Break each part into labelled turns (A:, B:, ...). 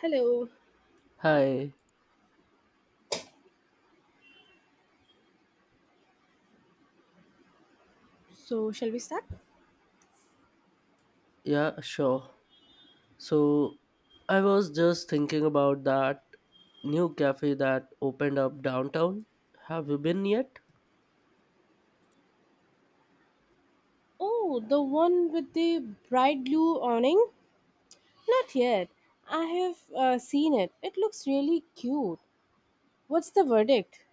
A: Hello.
B: Hi,
A: So, shall we start?
B: yeah, sure. So I was just thinking about that new cafe that opened up downtown. Have you been yet?
A: Oh, the one with the bright blue awning? Not yet. I have seen it. It looks really cute. What's the verdict?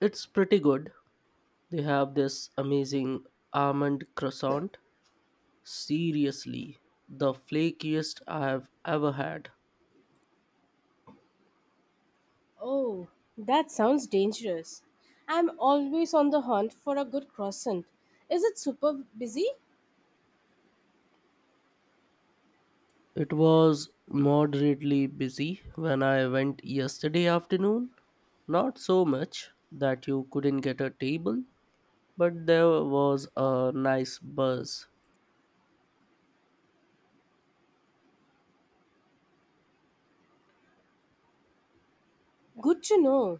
B: It's pretty good. They have this amazing almond croissant. Seriously, the flakiest I have ever had.
A: Oh, that sounds dangerous. I'm always on the hunt for a good croissant. Is it super busy?
B: It was moderately busy when I went yesterday afternoon. Not so much that you couldn't get a table, but there was a nice buzz.
A: Good to know.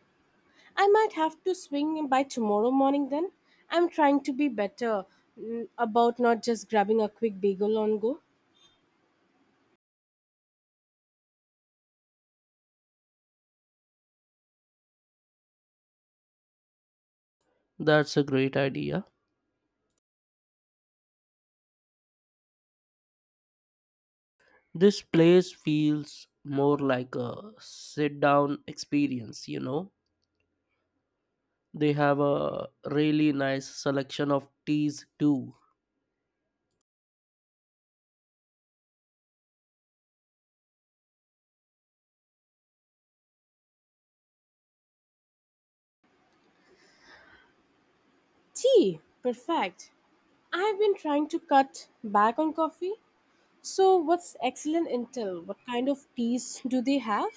A: I might have to swing by tomorrow morning then. I'm trying to be better about not just grabbing a quick bagel on go.
B: That's a great idea. This place feels more like a sit down experience. They have a really nice selection of teas too.
A: Tea, perfect. I've been trying to cut back on coffee. So, what's excellent intel? What kind of teas do they have?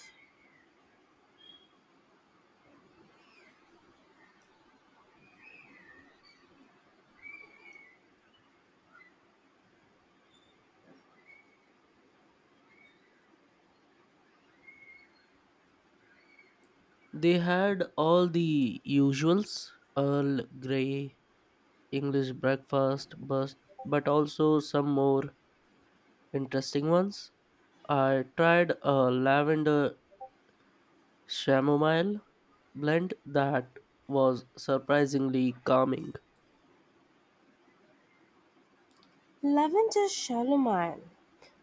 B: They had all the usuals Earl Grey, English breakfast, but also some more interesting ones. I tried a lavender chamomile blend that was surprisingly calming.
A: Lavender chamomile.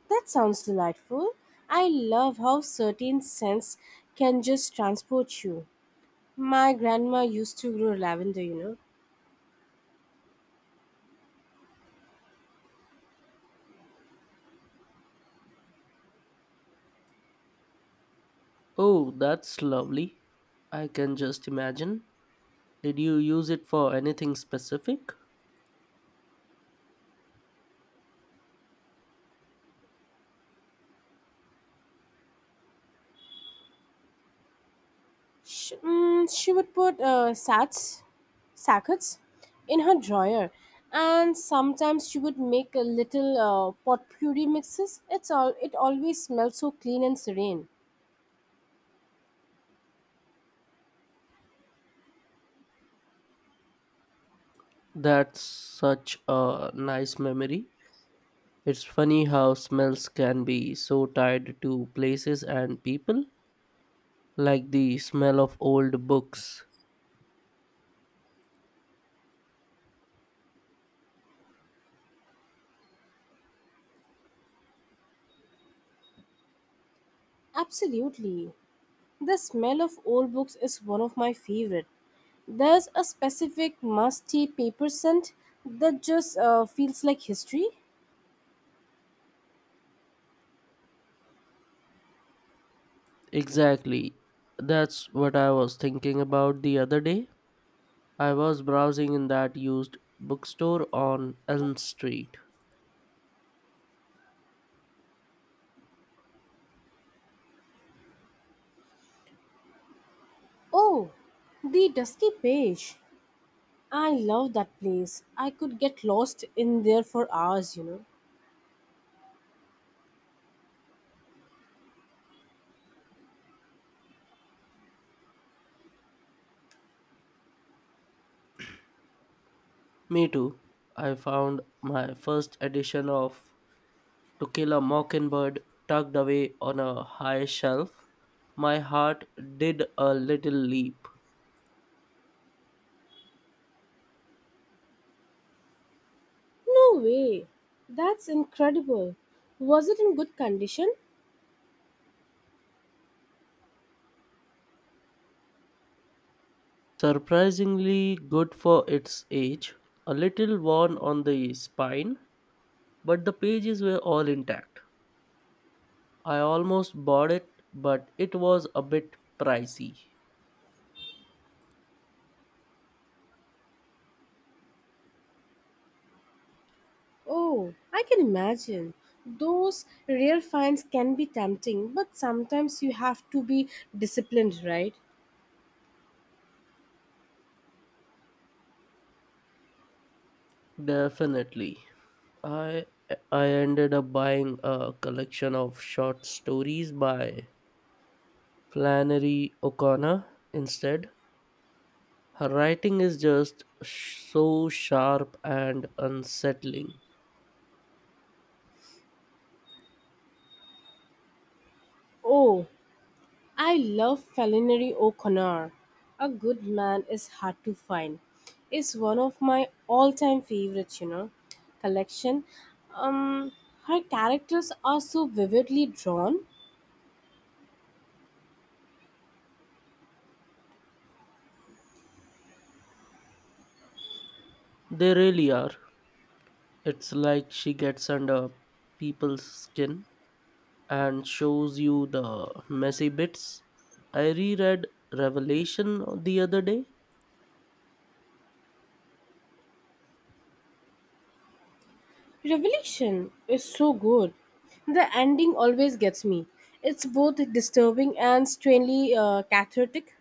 A: That sounds delightful. I love how certain scents can just transport you. My grandma used to grow lavender, you know.
B: Oh, that's lovely. I can just imagine. Did you use it for anything specific?
A: She would put sats, sackets in her drawer, and sometimes she would make a little potpourri mixes. It always smells so clean and serene.
B: That's such a nice memory. It's funny how smells can be so tied to places and people, like the smell of old books.
A: Absolutely. The smell of old books is one of my favorite. There's a specific musty paper scent that just feels like history.
B: Exactly. That's what I was thinking about the other day. I was browsing in that used bookstore on Elm Street.
A: Oh, the dusky page. I love that place. I could get lost in there for hours, you know.
B: Me too. I found my first edition of To Kill a Mockingbird tucked away on a high shelf, my heart did a little leap.
A: No way. That's incredible. Was it in good condition?
B: Surprisingly good for its age, a little worn on the spine, but the pages were all intact. I almost bought it, but it was a bit pricey.
A: Oh, I can imagine. Those rare finds can be tempting, but sometimes you have to be disciplined, right?
B: Definitely. I I ended up buying a collection of short stories by Flannery O'Connor instead. Her writing is just so sharp and unsettling.
A: Oh, I love Flannery O'Connor. A good man is hard to find. It's one of my all-time favorites, you know. Collection. Um, Her characters are so vividly drawn.
B: They really are. It's like she gets under people's skin and shows you the messy bits. I reread Revelation the other day.
A: Revelation is so good. The ending always gets me. It's both disturbing and strangely cathartic.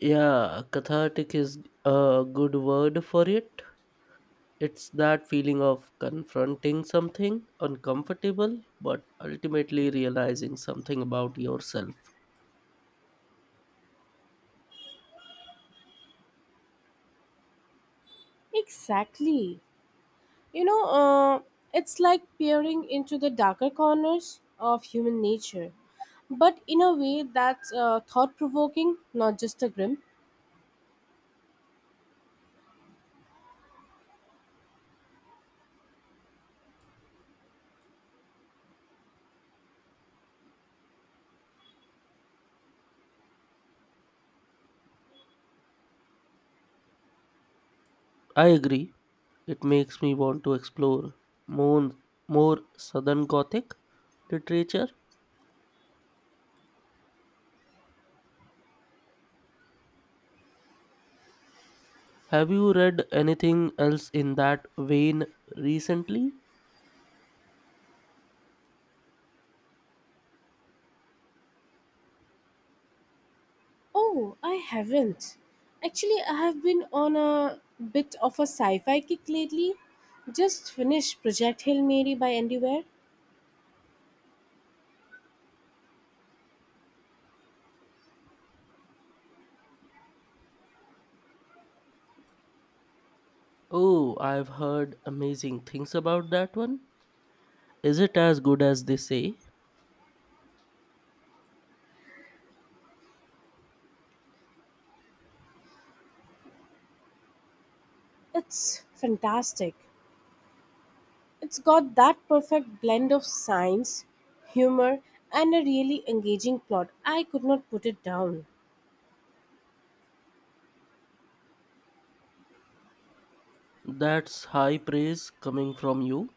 B: Yeah, cathartic is a good word for it. It's that feeling of confronting something uncomfortable, but ultimately realizing something about yourself.
A: Exactly. You know, uh, it's like peering into the darker corners of human nature, but in a way that's thought provoking, not just a grim.
B: I agree. It makes me want to explore more, more Southern Gothic literature. Have you read anything else in that vein recently?
A: Oh, I haven't. Actually, I have been on a bit of a sci fi kick lately. Just finished Project Hail Mary by Andy Weir.
B: Oh, I've heard amazing things about that one. Is it as good as they say?
A: It's fantastic. It's got that perfect blend of science, humor, and a really engaging plot. I could not put it down.
B: That's high praise coming from you.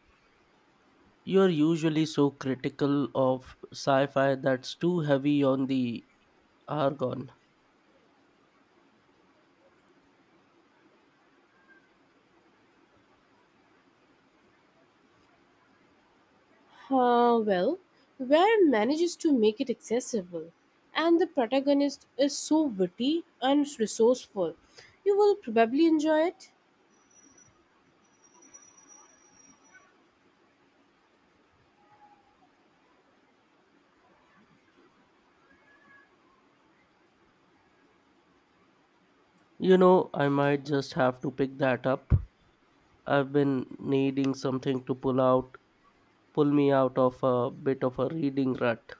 B: You're usually so critical of sci fi that's too heavy on the argon.
A: Well, Ware manages to make it accessible, and the protagonist is so witty and resourceful. You will probably enjoy it.
B: You know, I might just have to pick that up. I've been needing something to pull me out of a bit of a reading rut.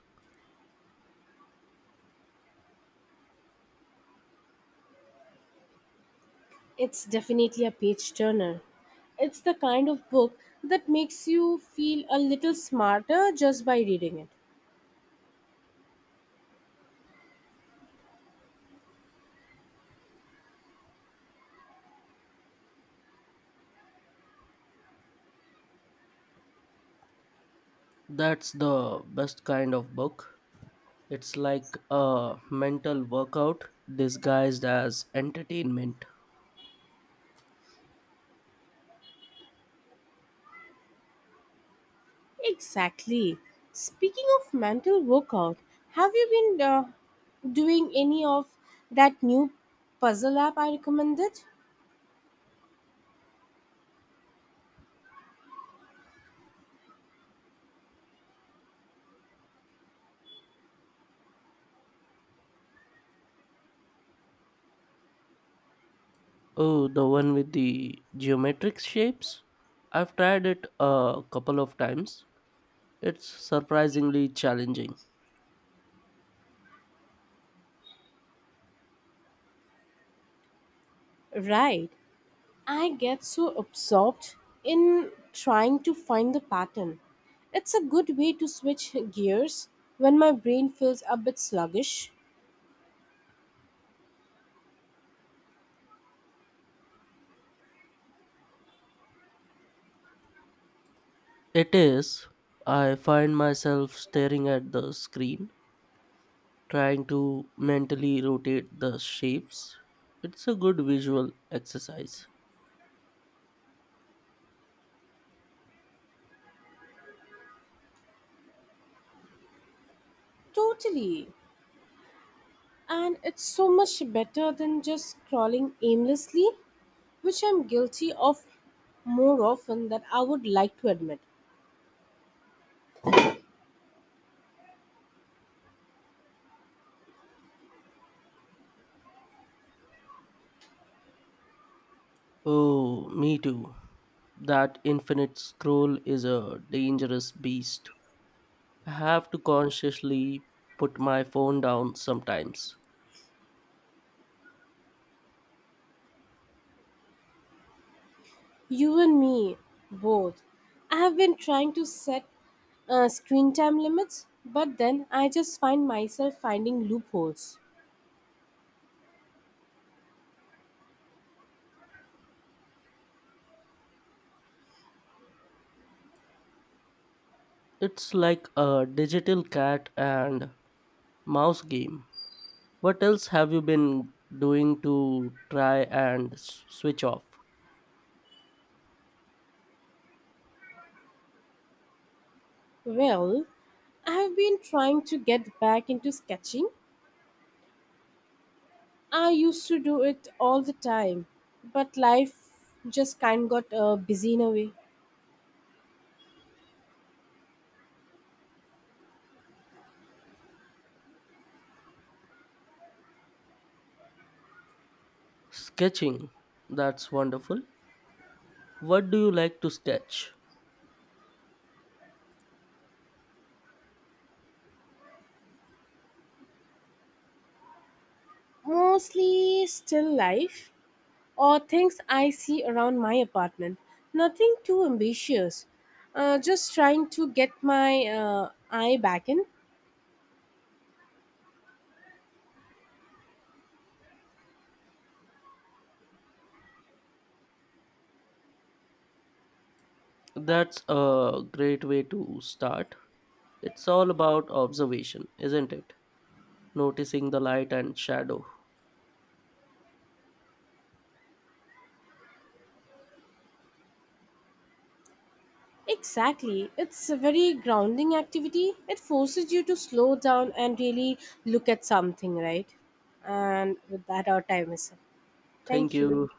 A: It's definitely a page turner. It's the kind of book that makes you feel a little smarter just by reading it.
B: That's the best kind of book. It's like a mental workout disguised as entertainment.
A: Exactly. Speaking of mental workout, have you been doing any of that new puzzle app I recommended?
B: Oh, the one with the geometric shapes? I've tried it a couple of times. It's surprisingly challenging.
A: Right. I get so absorbed in trying to find the pattern. It's a good way to switch gears when my brain feels a bit sluggish.
B: It is. I find myself staring at the screen trying to mentally rotate the shapes. It's a good visual exercise.
A: Totally. And it's so much better than just scrolling aimlessly, which I'm guilty of more often than I would like to admit.
B: Oh, me too. That infinite scroll is a dangerous beast. I have to consciously put my phone down sometimes.
A: You and me, both. I have been trying to set screen time limits, but then I just find myself finding loopholes.
B: It's like a digital cat and mouse game. What else have you been doing to try and switch off?
A: Well, I've been trying to get back into sketching. I used to do it all the time, but life just kind got busy in a way.
B: Sketching. That's wonderful. What do you like to sketch?
A: Mostly still life or things I see around my apartment. Nothing too ambitious. Just trying to get my eye back in.
B: That's a great way to start. It's all about observation, isn't it? Noticing the light and shadow.
A: Exactly. It's a very grounding activity. It forces you to slow down and really look at something, right? And with that, our time is up.
B: Thank
A: Thank you.
B: you.